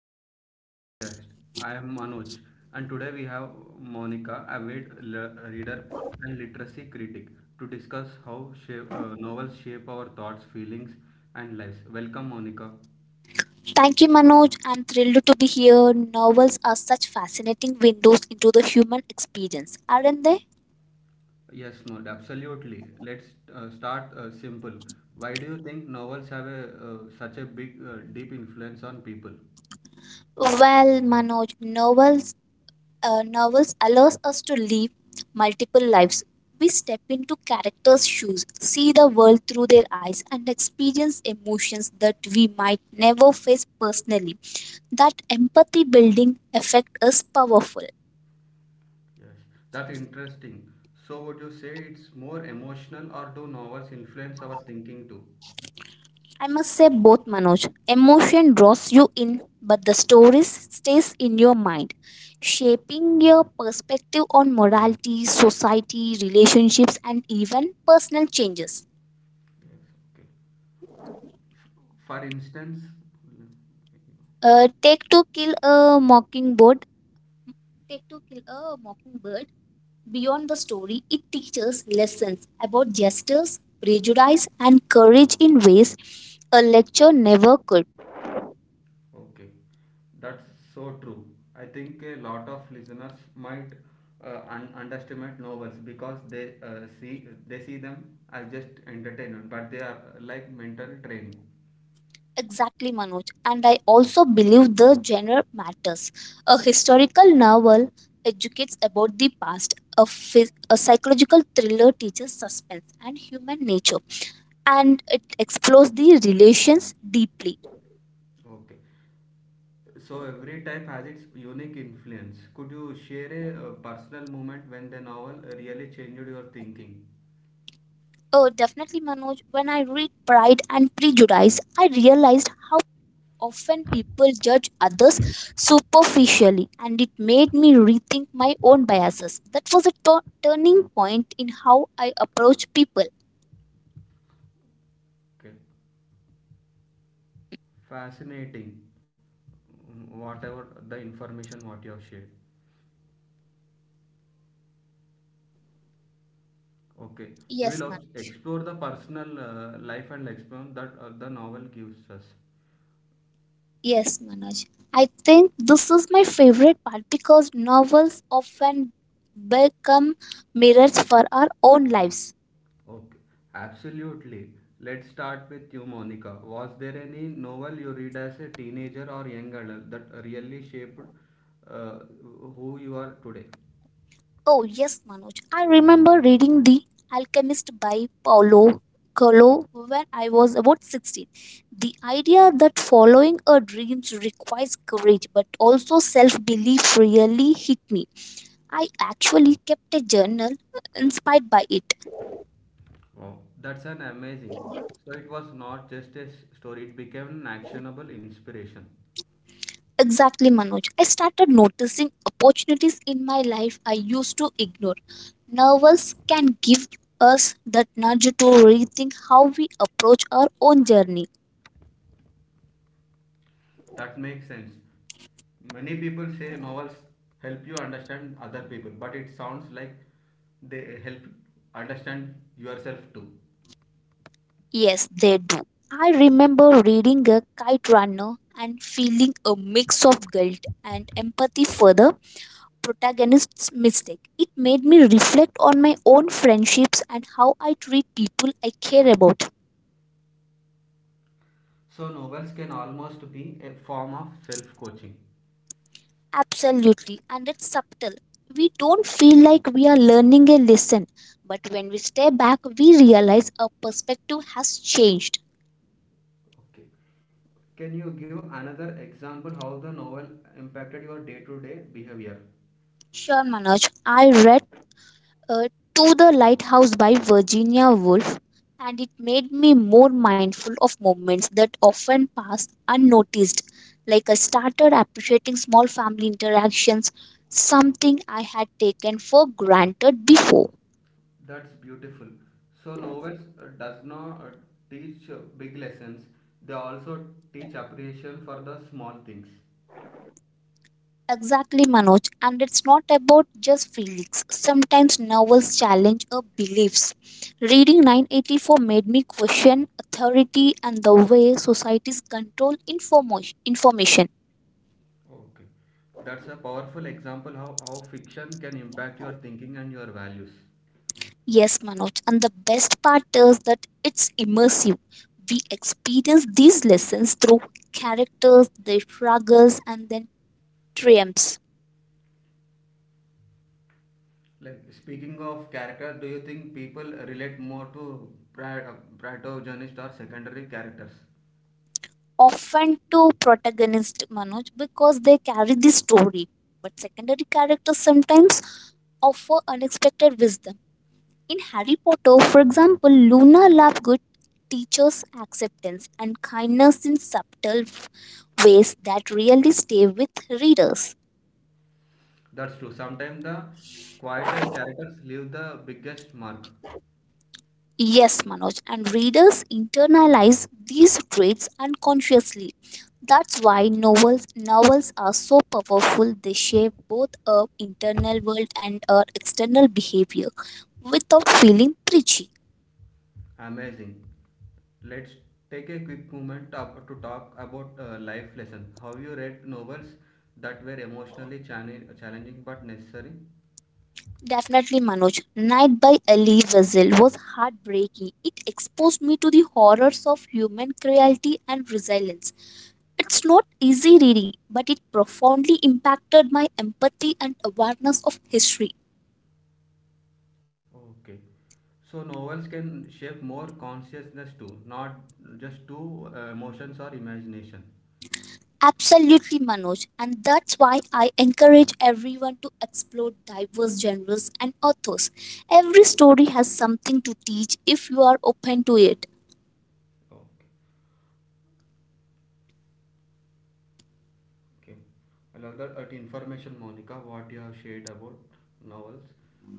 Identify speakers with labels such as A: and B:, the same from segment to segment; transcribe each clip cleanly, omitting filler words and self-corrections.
A: welcome to the podcast. I am Manoj and today we have Monica, avid reader and literacy critic to discuss how novels shape our thoughts, feelings and lives. Welcome Monica.
B: Thank you, Manoj. I'm thrilled to be here. Novels are such fascinating windows into the human experience, aren't they?
A: Yes, Mod, absolutely. Let's start simple. Why do you think novels have such a deep influence on people?
B: Well, Manoj, novels allows us to live multiple lives. We step into characters' shoes, see the world through their eyes, and experience emotions that we might never face personally. That empathy building effect is powerful.
A: Yes, that's interesting. So would you say it's more emotional or do novels influence our thinking too?
B: I must say both, Manoj. Emotion draws you in, but the story stays in your mind, shaping your perspective on morality, society, relationships, and even personal changes.
A: Yes, okay. For instance,
B: Take to kill a mockingbird. Take to kill a mockingbird. Beyond the story, it teaches lessons about justice, prejudice, and courage in ways a lecture never could.
A: okay, that's so true. I think a lot of listeners might underestimate novels because they see them as just entertainment, but they are like mental training.
B: Exactly, Manoj. And I also believe the genre matters. A historical novel educates about the past, a psychological thriller teaches suspense and human nature, and it explores the relations deeply.
A: Okay, so every type has its unique influence. Could you share a personal moment when the novel really changed your thinking?
B: Oh, definitely, Manoj. When I read Pride and Prejudice, I realized how often people judge others superficially, and it made me rethink my own biases. That was a turning point in how I approach people.
A: Okay, fascinating. Whatever the information what you have shared. Okay, we
B: Yes,
A: will
B: man.
A: explore the personal life and experience that the novel gives us.
B: Yes, Manoj. I think this is my favorite part because novels often become mirrors for our own lives.
A: Okay, absolutely. Let's start with you, Monica. Was there any novel you read as a teenager or young adult that really shaped uh, who you are today?
B: Oh, yes, Manoj. I remember reading The Alchemist by Paulo Coelho when I was about 16. The idea that following a dream requires courage but also self belief really hit me. I actually kept a journal inspired by it.
A: Wow, that's an amazing. So it was not just a story; it became an actionable inspiration.
B: Exactly, Manoj. I started noticing opportunities in my life I used to ignore. Novels can give us that nudge to rethink how we approach our own journey.
A: That makes sense. Many people say novels help you understand other people, but it sounds like they help understand yourself too.
B: Yes, they do. I remember reading a kite runner and feeling a mix of guilt and empathy for the protagonist's mistake. It made me reflect on my own friendships and how I treat people I care about.
A: So novels can almost be a form of self-coaching.
B: Absolutely, and it's subtle. We don't feel like we are learning a lesson, but when we step back, we realize our perspective has changed.
A: Okay. Can you give another example how the novel impacted your day-to-day behavior?
B: Sure, Manoj, I read uh, To the Lighthouse by Virginia Woolf, and it made me more mindful of moments that often pass unnoticed. Like I started appreciating small family interactions, something I had taken for granted before.
A: That's beautiful. So novels does not teach big lessons. They also teach appreciation for the small things.
B: Exactly, Manoj. And it's not about just feelings. Sometimes novels challenge our beliefs. Reading 984 made me question authority and the way societies control information.
A: Okay. That's a powerful example how fiction can impact your thinking and your values.
B: Yes, Manoj. And the best part is that it's immersive. We experience these lessons through characters, their struggles, and then triumphs.
A: Like speaking of character, do you think people relate more to pri- uh, protagonist or secondary characters?
B: Often to protagonist Manoj because they carry the story, but secondary characters sometimes offer unexpected wisdom. In Harry Potter, for example, Luna Lovegood teaches acceptance and kindness in subtle ways that really stay with readers.
A: That's true. Sometimes the quietest characters leave the biggest mark.
B: Yes, Manoj, and readers internalize these traits unconsciously. That's why novels are so powerful. They shape both our internal world and our external behavior without feeling preachy.
A: Amazing. Let's take a quick moment up to talk about life lesson. Have you read novels that were emotionally challenging but necessary?
B: Definitely, Manoj. Night by Ali Wessel was heartbreaking. It exposed me to the horrors of human cruelty and resilience. It's not easy reading, but it profoundly impacted my empathy and awareness of history.
A: Okay. So novels can shape more consciousness too, not just to emotions or imagination.
B: Absolutely, Manoj. And that's why I encourage everyone to explore diverse genres and authors. Every story has something to teach if you are open to it.
A: Okay, okay. I love that information, Monica, what you have shared about novels,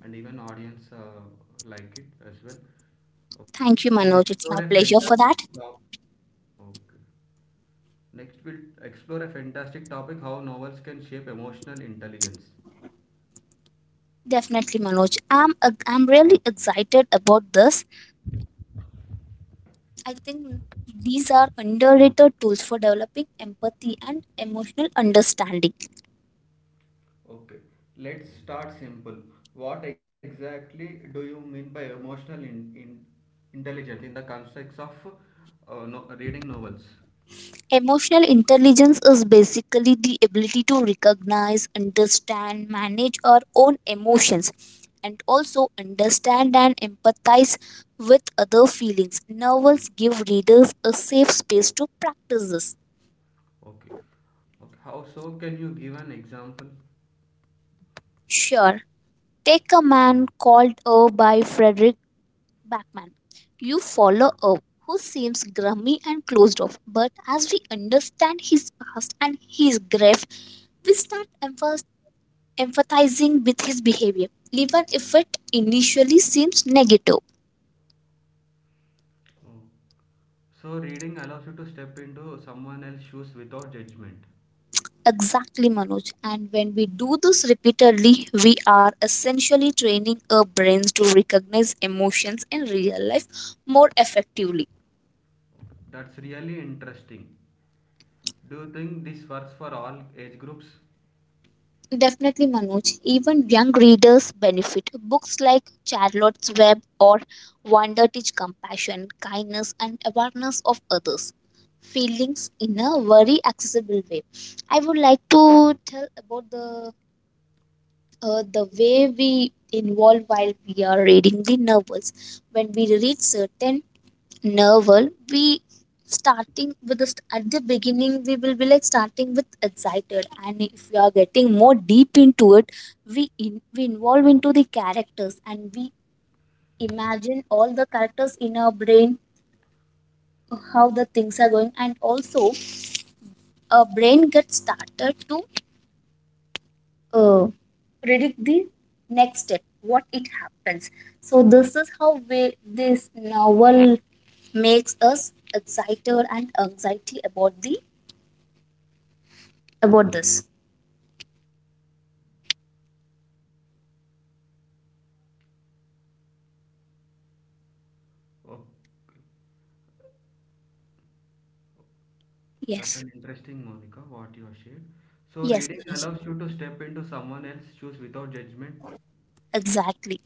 A: and even audience like it as well. Okay,
B: Thank you,
A: we'll
B: Manoj.
A: explore
B: It's
A: a
B: my pleasure for
A: fantastic
B: that.
A: topic. Okay, next we'll explore a fantastic topic: how novels can shape emotional intelligence.
B: Definitely, Manoj. I'm really excited about this. I think these are underrated tools for developing empathy and emotional understanding.
A: Okay, let's start simple. What exactly do you mean by emotional in intelligence in the context of no, reading novels?
B: Emotional intelligence is basically the ability to recognize, understand, manage our own emotions, and also understand and empathize with other feelings. Novels give readers a safe space to practice this.
A: Okay. Okay, how so? Can you give an example?
B: Sure. Take a Man Called Earl by Frederick Batman. You follow up who seems grumpy and closed off, but as we understand his past and his grief, we start empathizing with his behavior, even if it initially seems negative.
A: Oh. So, reading allows you to step into someone else's shoes without judgment.
B: Exactly, Manoj. And when we do this repeatedly, we are essentially training our brains to recognize emotions in real life more effectively.
A: That's really interesting. Do you think this works for all age groups?
B: Definitely, Manoj. Even young readers benefit. Books like Charlotte's Web or Wonder teach compassion, kindness, and awareness of others' feelings in a very accessible way. I would like to tell about the way we involve while we are reading the novels. When we read certain novel we starting with at the beginning we will be like starting with excited, and if we are getting more deep into it we involve into the characters, and we imagine all the characters in our brain how the things are going, and also our brain gets started to uh, predict the next step what it happens, so this is how this novel makes us excited and anxiety about the about this.
A: Okay. That's
B: Yes,
A: an interesting, Monica, what you have shared. So,
B: yes,
A: reading
B: Manoj.
A: allows you to step into someone else's shoes without judgment.
B: Exactly.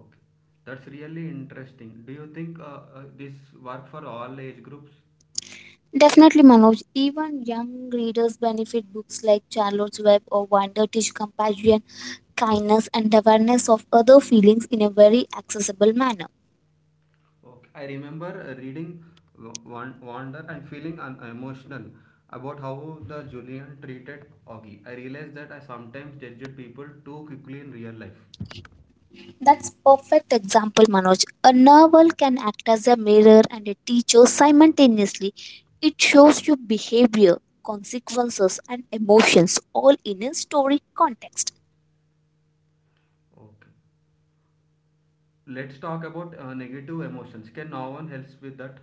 A: Okay, that's really interesting. Do you think this work for all age groups?
B: Definitely, Manoj. Even young readers benefit. Books like Charlotte's Web or Wonder teach compassion, kindness, and awareness of other feelings in a very accessible manner.
A: Okay, I remember reading Wander and feeling emotional about how the Julian treated Augie. I realized that I sometimes judged people too quickly in real life.
B: That's perfect example, Manoj. A novel can act as a mirror and a teacher simultaneously. It shows you behavior, consequences, and emotions all in a story context.
A: Okay, let's talk about negative emotions. Can no one help with that?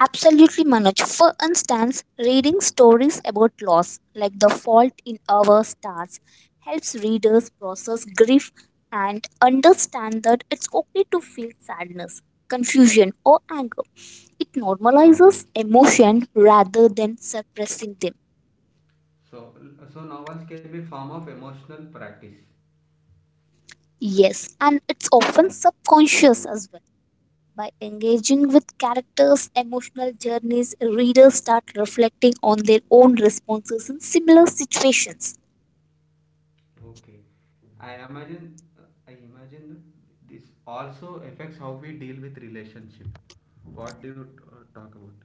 B: Absolutely, Manoj. For instance, reading stories about loss, like The Fault in Our Stars, helps readers process grief and understand that it's okay to feel sadness, confusion, or anger. It normalizes emotion rather than suppressing them.
A: So, so novels can be a form of emotional practice.
B: Yes, and it's often subconscious as well. By engaging with characters' emotional journeys, readers start reflecting on their own responses in similar situations.
A: Okay, I imagine, I imagine this also affects how we deal with relationship. What do you talk about?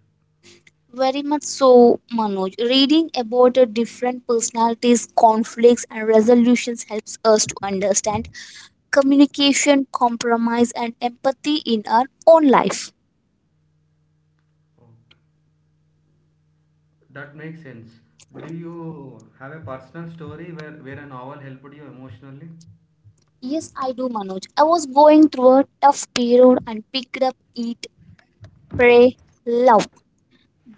B: Very much so, Manoj. Reading about the different personalities, conflicts, and resolutions helps us to understand communication, compromise, and empathy in our own life.
A: Okay. That makes sense. Do you have a personal story where a novel helped you emotionally?
B: Yes, I do, Manoj. I was going through a tough period and picked up Eat, Pray, Love.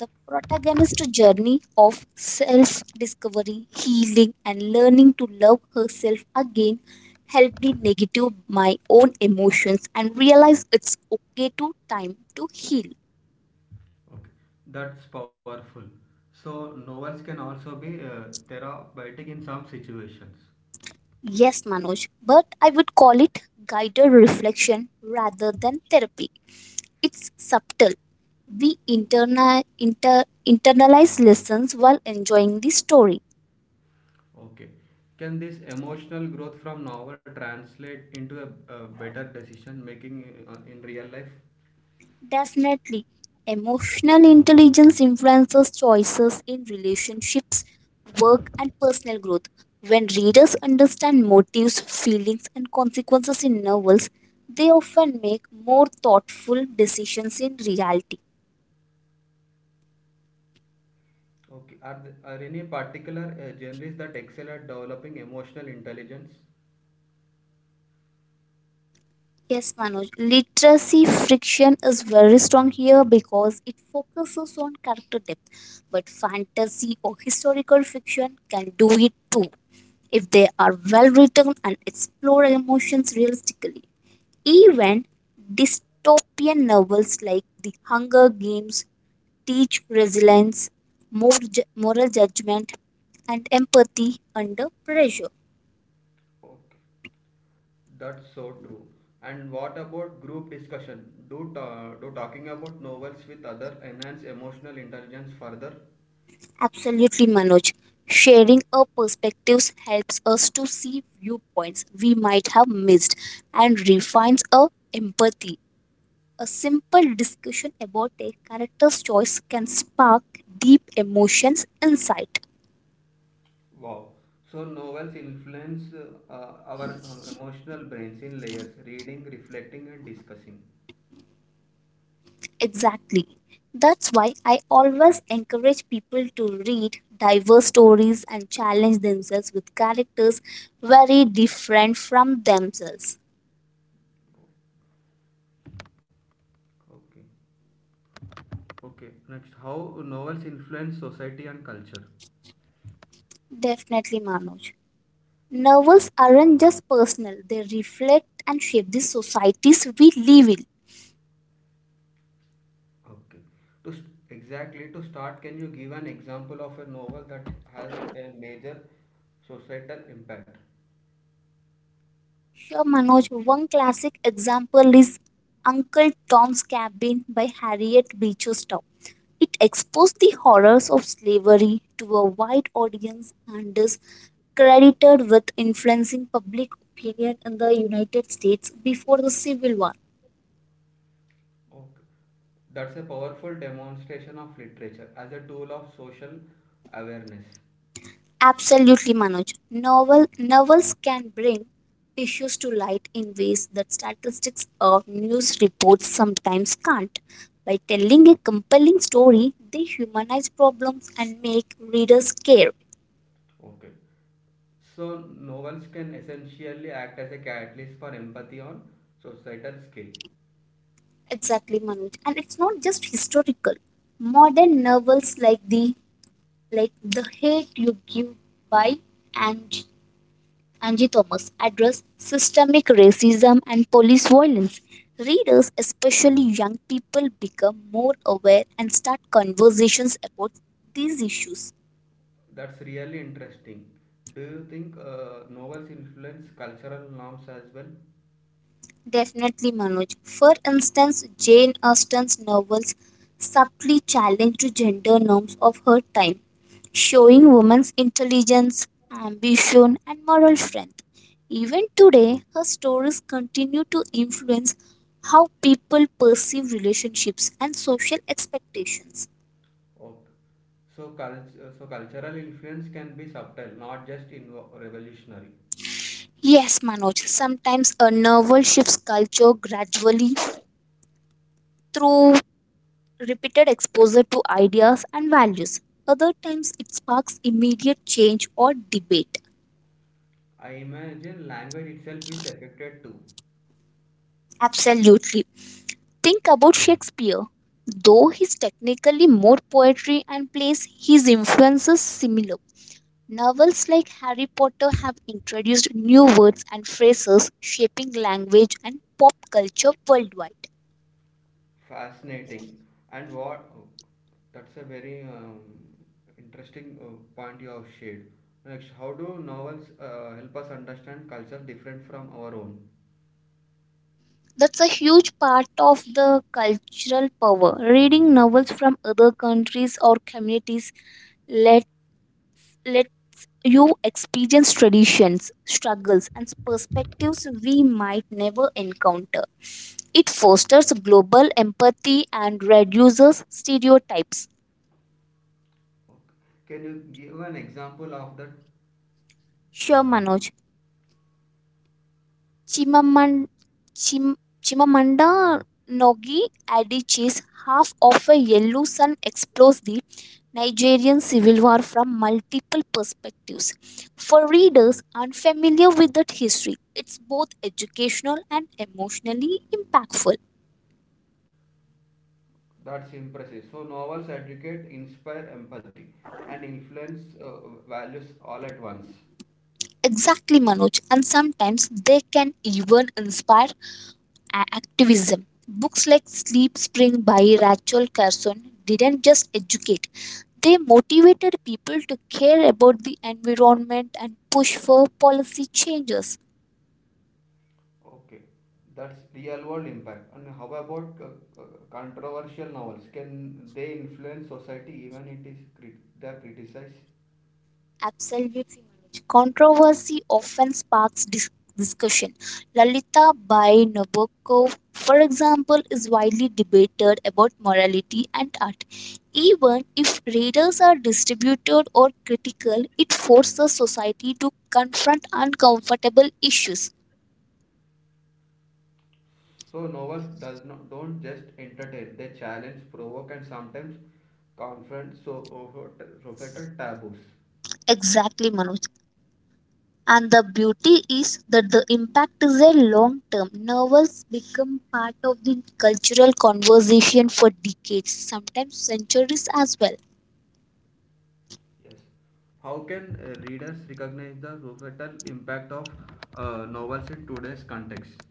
B: The protagonist's journey of self discovery, healing, and learning to love herself again helped me negative my own emotions and realize it's okay to time to heal.
A: Okay, that's powerful. So novels can also be therapeutic in some situations.
B: Yes, Manoj, but I would call it guided reflection rather than therapy. It's subtle. We internalize lessons while enjoying the story.
A: Okay. Can this emotional growth from novel translate into a better decision making in real life?
B: Definitely. Emotional intelligence influences choices in relationships, work, and personal growth. When readers understand motives, feelings, and consequences in novels, they often make more thoughtful decisions in reality.
A: Okay. Are there, are any particular genres that excel at developing emotional intelligence?
B: Yes, Manoj. Literacy friction is very strong here because it focuses on character depth, but fantasy or historical fiction can do it too. If they are well written and explore emotions realistically. Even dystopian novels like The Hunger Games teach resilience, moral judgment, and empathy under pressure.
A: Okay. That's so true. And what about group discussion? Do talking about novels with other enhance emotional intelligence further?
B: Absolutely, Manoj. Sharing our perspectives helps us to see viewpoints we might have missed and refines our empathy. A simple discussion about a character's choice can spark deep emotions insight.
A: Wow. So novels influence our emotional brains in layers, reading, reflecting, and discussing.
B: Exactly. That's why I always encourage people to read diverse stories and challenge themselves with characters very different from themselves.
A: Okay. Okay, next, how novels influence society and culture?
B: Definitely, Manoj. Novels aren't just personal, they reflect and shape the societies we live in.
A: Okay. Exactly to start, can you give an example of a novel that has a major societal impact?
B: Sure, Manoj. One classic example is Uncle Tom's Cabin by Harriet Beecher Stowe. It exposed the horrors of slavery to a wide audience and is credited with influencing public opinion in the United States before the Civil War.
A: Okay. That's a powerful demonstration of literature as a tool of social awareness.
B: Absolutely, Manoj. Novels can bring issues to light in ways that statistics or news reports sometimes can't. By telling a compelling story, they humanize problems and make readers care.
A: Okay. So novels can essentially act as a catalyst for empathy on societal scale.
B: Exactly, Manoj. And it's not just historical. Modern novels like The Hate You Give by and Angie Thomas address systemic racism and police violence. Readers, especially young people, become more aware and start conversations about these issues.
A: That's really interesting. Do you think novels influence cultural norms as well?
B: Definitely, Manoj. For instance, Jane Austen's novels subtly challenged gender norms of her time, showing women's intelligence, ambition, and moral strength. Even today, her stories continue to influence how people perceive relationships and social expectations.
A: Okay. So cultural influence can be subtle, not just revolutionary.
B: Yes, Manoj, sometimes a novel shifts culture gradually through repeated exposure to ideas and values. Other times, it sparks immediate change or debate.
A: I imagine language itself is affected too.
B: Absolutely. Think about Shakespeare. Though he's technically more poetry and plays, his influence is similar. Novels like Harry Potter have introduced new words and phrases, shaping language and pop culture worldwide.
A: Fascinating. And what? Oh, that's a very interesting point you have shared. Next, how do novels help us understand culture different from our own?
B: That's a huge part of the cultural power. Reading novels from other countries or communities let you experience traditions, struggles, and perspectives we might never encounter. It fosters global empathy and reduces stereotypes.
A: Okay. Can you give an example of that?
B: Sure, Manoj. Chimaman, Chim, Chimamanda Ngozi Adichie's Half of a Yellow Sun explores the Nigerian civil war from multiple perspectives. For readers unfamiliar with that history, it's both educational and emotionally impactful.
A: That's impressive. So novels educate, inspire empathy, and influence values all at once.
B: Exactly, Manoj. And sometimes they can even inspire activism. Books like Sleep Spring by Rachel Carson didn't just educate, they motivated people to care about the environment and push for policy changes.
A: Okay, that's real world impact. And how about controversial novels? Can they influence society even it is they are criticized?
B: Absolutely, Manoj. Controversy often sparks discussion. Lalita by Nabokov, for example, is widely debated about morality and art. Even if readers are distributed or critical, it forces society to confront uncomfortable issues.
A: So novels does not don't just entertain. They challenge, provoke, and sometimes confront so societal taboos.
B: Exactly, Manoj. And the beauty is that the impact is a long term. Novels become part of the cultural conversation for decades, sometimes centuries as well.
A: Yes. How can readers recognize the societal impact of novels in today's context?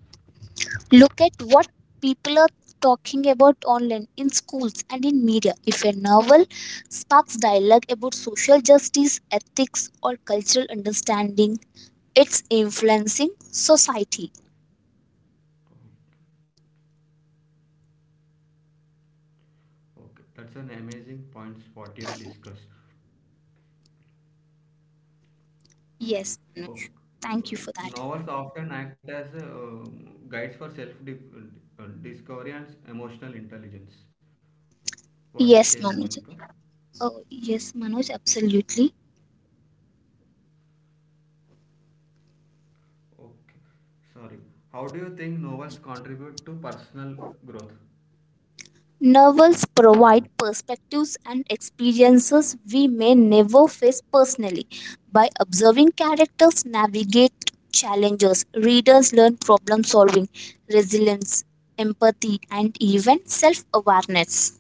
B: Look at what people are talking about online, in schools, and in media. If a novel sparks dialogue about social justice, ethics, or cultural understanding, it's influencing society.
A: Okay, that's an amazing point what you have discussed.
B: Yes, Manoj.
A: Okay.
B: Thank you for that.
A: Novels often act as guides for self-discovery and emotional intelligence. What do you say,
B: Yes,
A: Monica?
B: Manoj. Oh, yes, Manoj, absolutely.
A: Okay, sorry. How do you think novels contribute to personal growth?
B: Novels provide perspectives and experiences we may never face personally. By observing characters navigate challenges, readers learn problem solving, resilience, empathy, and even self awareness.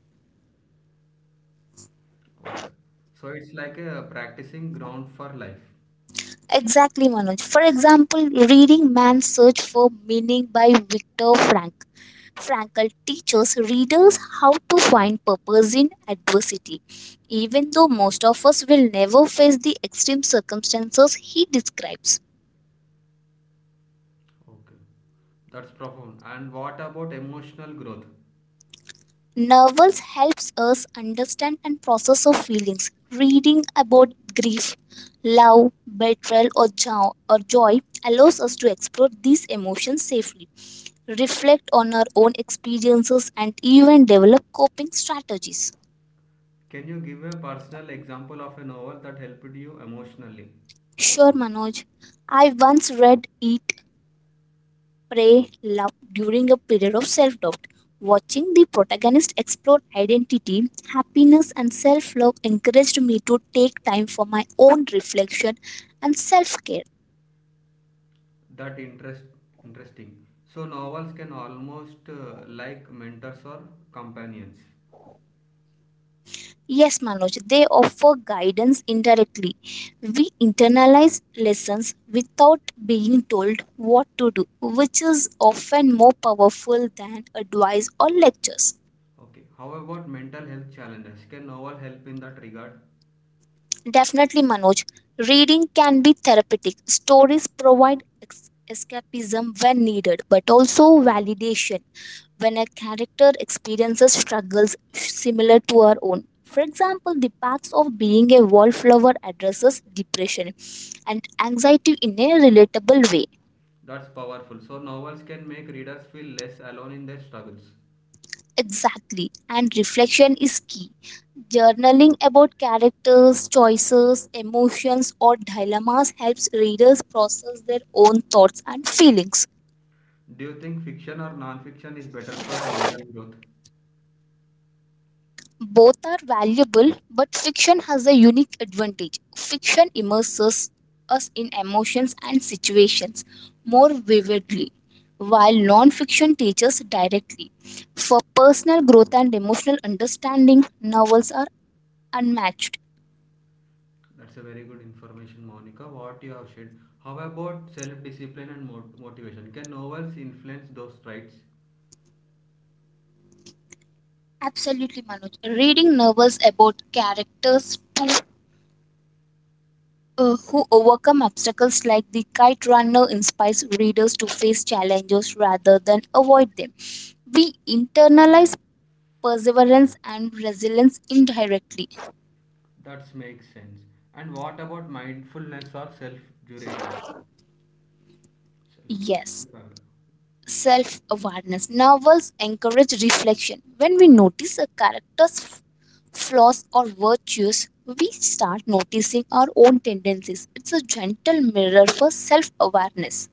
A: Okay, so it's like a practicing ground for life.
B: Exactly, Manoj. For example, reading Man's Search for Meaning by Viktor Frankl teaches readers how to find purpose in adversity. Even though most of us will never face the extreme circumstances he describes,
A: Okay, that's profound. And what about emotional growth?
B: novels helps us understand and process our feelings. Reading about grief, love, betrayal, or or joy allows us to explore these emotions safely, reflect on our own experiences, and even develop coping strategies.
A: Can you give a personal example of a novel that helped you emotionally?
B: Sure, Manoj. I once read it prey love during a period of self doubt. Watching the protagonist explore identity, happiness, and self love encouraged me to take time for my own reflection and self care.
A: That interest interesting. So novels can almost like mentors or companions.
B: Yes, Manoj, they offer guidance indirectly. We internalize lessons without being told what to do, which is often more powerful than advice or lectures.
A: Okay. How about mental health challenges? Can novel help in that regard?
B: Definitely, Manoj. Reading can be therapeutic. Stories provide escapism when needed, but also validation when a character experiences struggles similar to our own. For example, the paths of being a wallflower addresses depression and anxiety in a relatable way.
A: That's powerful. So novels can make readers feel less alone in their struggles.
B: Exactly, and reflection is key. Journaling about characters, choices, emotions, or dilemmas helps readers process their own thoughts and feelings.
A: Do you think fiction or non-fiction is better for mental growth?
B: Both are valuable, but fiction has a unique advantage. Fiction immerses us in emotions and situations more vividly, while non fiction teaches directly. For personal growth and emotional understanding, novels are unmatched.
A: That's a very good information, Monica. What you have said. How about self-discipline and motivation? Can novels influence those traits?
B: Absolutely, Manoj. Reading novels about to, who overcome obstacles like the kite runner inspires readers to face challenges rather than avoid them. We internalize perseverance and resilience indirectly.
A: That makes sense. And what about mindfulness or self-duration? Self.
B: Yes. Self awareness. Novels encourage reflection. When we notice a flaws or virtues, we start noticing our own tendencies. It's a gentle mirror for self awareness.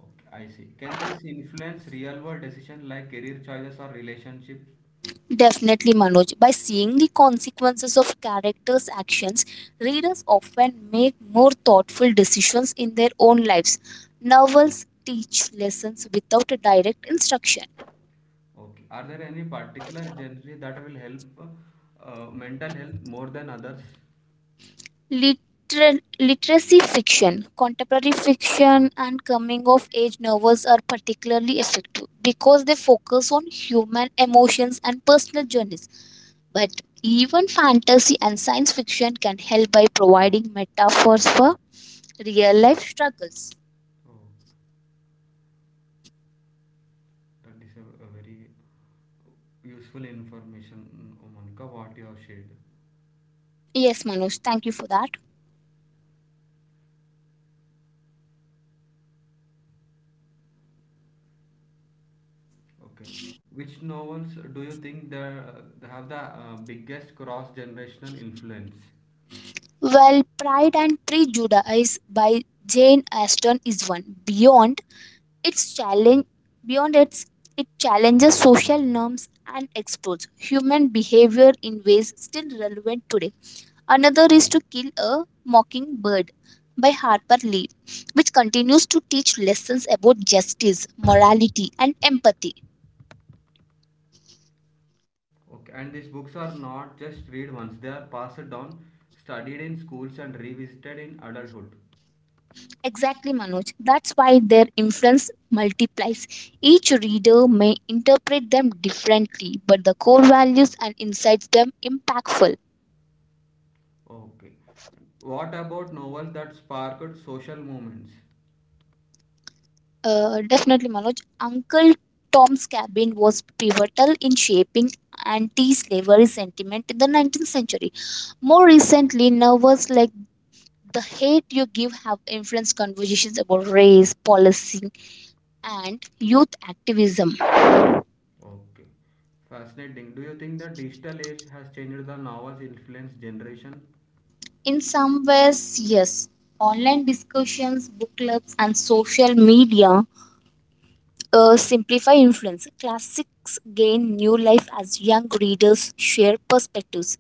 A: Okay, I see. Can this influence real-world decision like career choices or relationships?
B: Definitely, Manoj. By seeing the consequences of characters' actions, readers often make more thoughtful decisions in their own lives. Novels teach lessons without a direct instruction.
A: Okay. Are there any particular genre that will help mental health more than others?
B: Literacy fiction, contemporary fiction, and coming of age novels are particularly effective because they focus on human emotions and personal journeys. But even fantasy and science fiction can help by providing metaphors for real life struggles.
A: Oh, that is a very useful information, oh Monica, what you have shared.
B: Yes, Manoj, thank you for that.
A: Okay. Which novels do you think they have the biggest cross-generational influence?
B: Well, Pride and Prejudice by Jane Austen is one. Its challenge, beyond its it challenges social norms and explores human behavior in ways still relevant today. Another is to kill a mockingbird by Harper Lee, which continues to teach lessons about justice, morality, and empathy.
A: Okay. And these books are not just read once; they are passed down, studied in schools, and revisited in adulthood.
B: Exactly, Manoj. That's why their influence multiplies. Each reader may interpret them differently, but the core values and insights them impactful.
A: Okay. What about novels that sparked social movements?
B: Definitely, Manoj. Uncle Tom's Cabin was pivotal in shaping anti-slavery sentiment in the 19th century. More recently, novels like The Hate You Give have influenced conversations about race, policy, and youth activism.
A: Okay. Fascinating. Do you think the digital age has changed the novel's influence generation?
B: In some ways, yes. Online discussions, book clubs, and social media simplify influence. Classics gain new life as young readers share perspectives.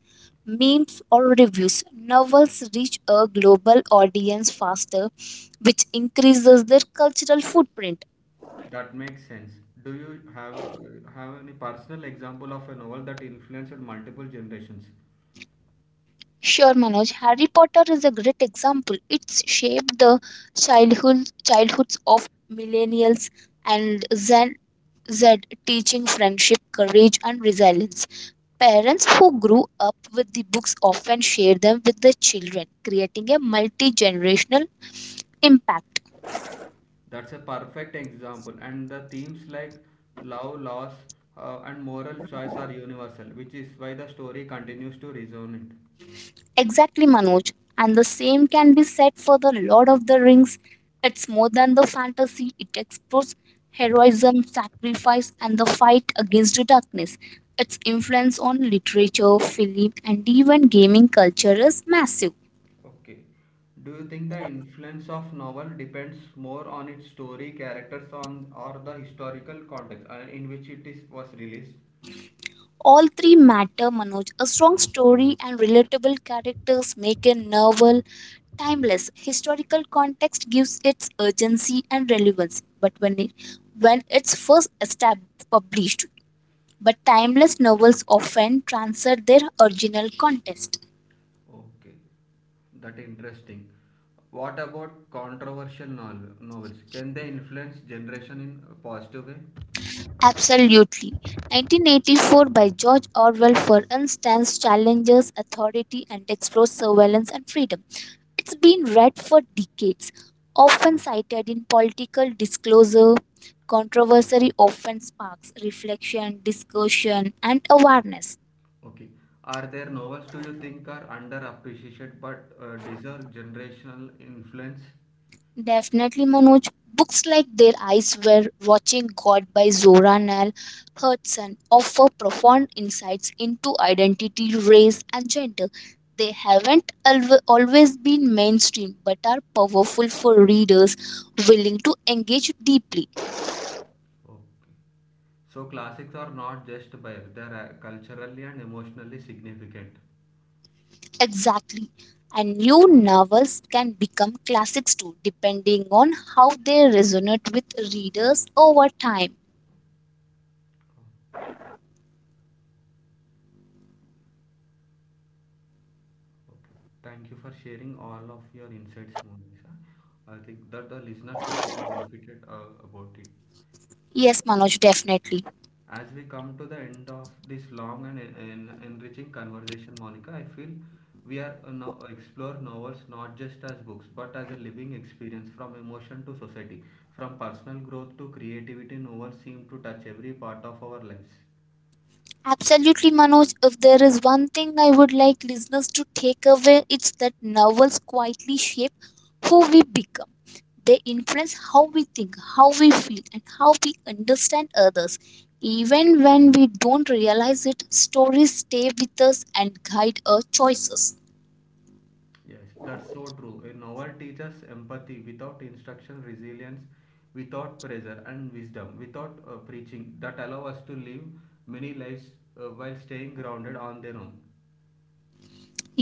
B: Memes or reviews, novels reach a global audience faster, which increases their cultural footprint.
A: That makes sense. Do you have any personal example of a novel that influenced multiple generations?
B: Sure, Manoj, Harry Potter is a great example. It's shaped the childhoods of millennials and Gen Z. Teaching friendship, courage, and resilience. Parents who grew up with the books often share them with their children, creating a multi generational impact.
A: That's a perfect example, and the themes like love, loss, and moral choice are universal, which is why the story continues to resonate.
B: Exactly, Manoj. And the same can be said for The Lord of the Rings. It's more than the fantasy, it explores heroism, sacrifice, and the fight against the darkness. Its influence on literature, film, and even gaming culture is massive.
A: Okay. Do you think the influence of novel depends more on its story, characters, on or the historical context in which it is was released?
B: All three matter, Manoj. A strong story and relatable characters make a novel timeless. Historical context gives its urgency and relevance. But when it, when it's first established, published, but timeless novels often transcend their original context.
A: Okay, that interesting. What about novels? Can they influence generation in a positive way?
B: Absolutely. 1984 by George Orwell, for instance, challenges authority and explores surveillance and freedom. It's been read for decades, often cited in political disclosure. Controversy often sparks reflection, discussion, and awareness.
A: Okay, are there novels do you think are underappreciated but deserve generational influence?
B: Definitely, Manoj. Books like Their Eyes Were Watching God by Zora Neale Hurston offer profound insights into identity, race, and gender. They haven't always been mainstream but are powerful for readers willing to engage deeply.
A: Okay, so classics are not just bio; they are culturally and emotionally significant.
B: Exactly. And new novels can become classics too, depending on how they resonate with readers over time.
A: Oh, okay, thank you for sharing all of your insights, Monica. I think that the listeners will get benefited about it.
B: Yes, Manoj, definitely.
A: As we come to the end of this long and enriching conversation, Monica, I feel we are now explore novels not just as books but as a living experience from emotion to society, from personal growth to creativity. Novels seem to touch every part of our lives.
B: Absolutely, Manoj. If there is one thing I would like listeners to take away, it's that novels quietly shape who we become. They influence how we think, how we feel, and how we understand others. Even when we don't realize it, stories stay with us and guide our choices.
A: Yes, that's so true. A novel teaches empathy without instruction, resilience without pressure, and wisdom without preaching that allow us to live many lives while staying grounded on their own.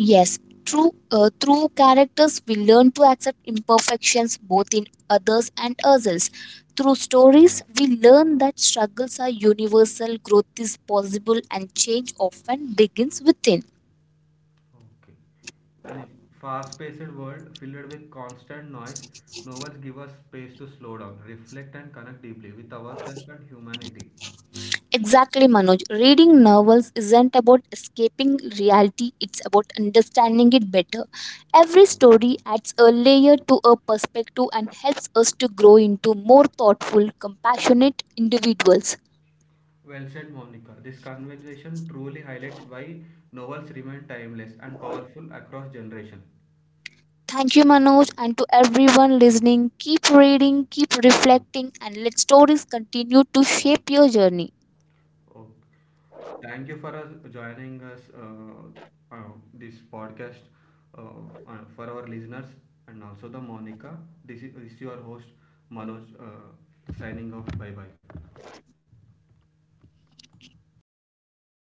B: Yes, true. Through characters, we learn to accept imperfections both in others and ourselves. Through stories, we learn that struggles are universal, growth is possible, and change often begins within.
A: Okay. In a fast paced world filled with constant noise, novels give us space to slow down, reflect, and connect deeply with ourselves and humanity.
B: Exactly, Manoj. Reading novels isn't about escaping reality, it's about understanding it better. Every story adds a layer to a perspective and helps us to grow into more thoughtful, compassionate individuals.
A: Well said, Monica. This conversation truly highlights why novels remain timeless and powerful across generations.
B: Thank you, Manoj, and to everyone listening. Keep reading, keep reflecting, and let stories continue to shape your journey.
A: Okay. Thank you for us joining us uh, this podcast uh, for our listeners and also the Monica. This is your host Manoj signing off. Bye bye.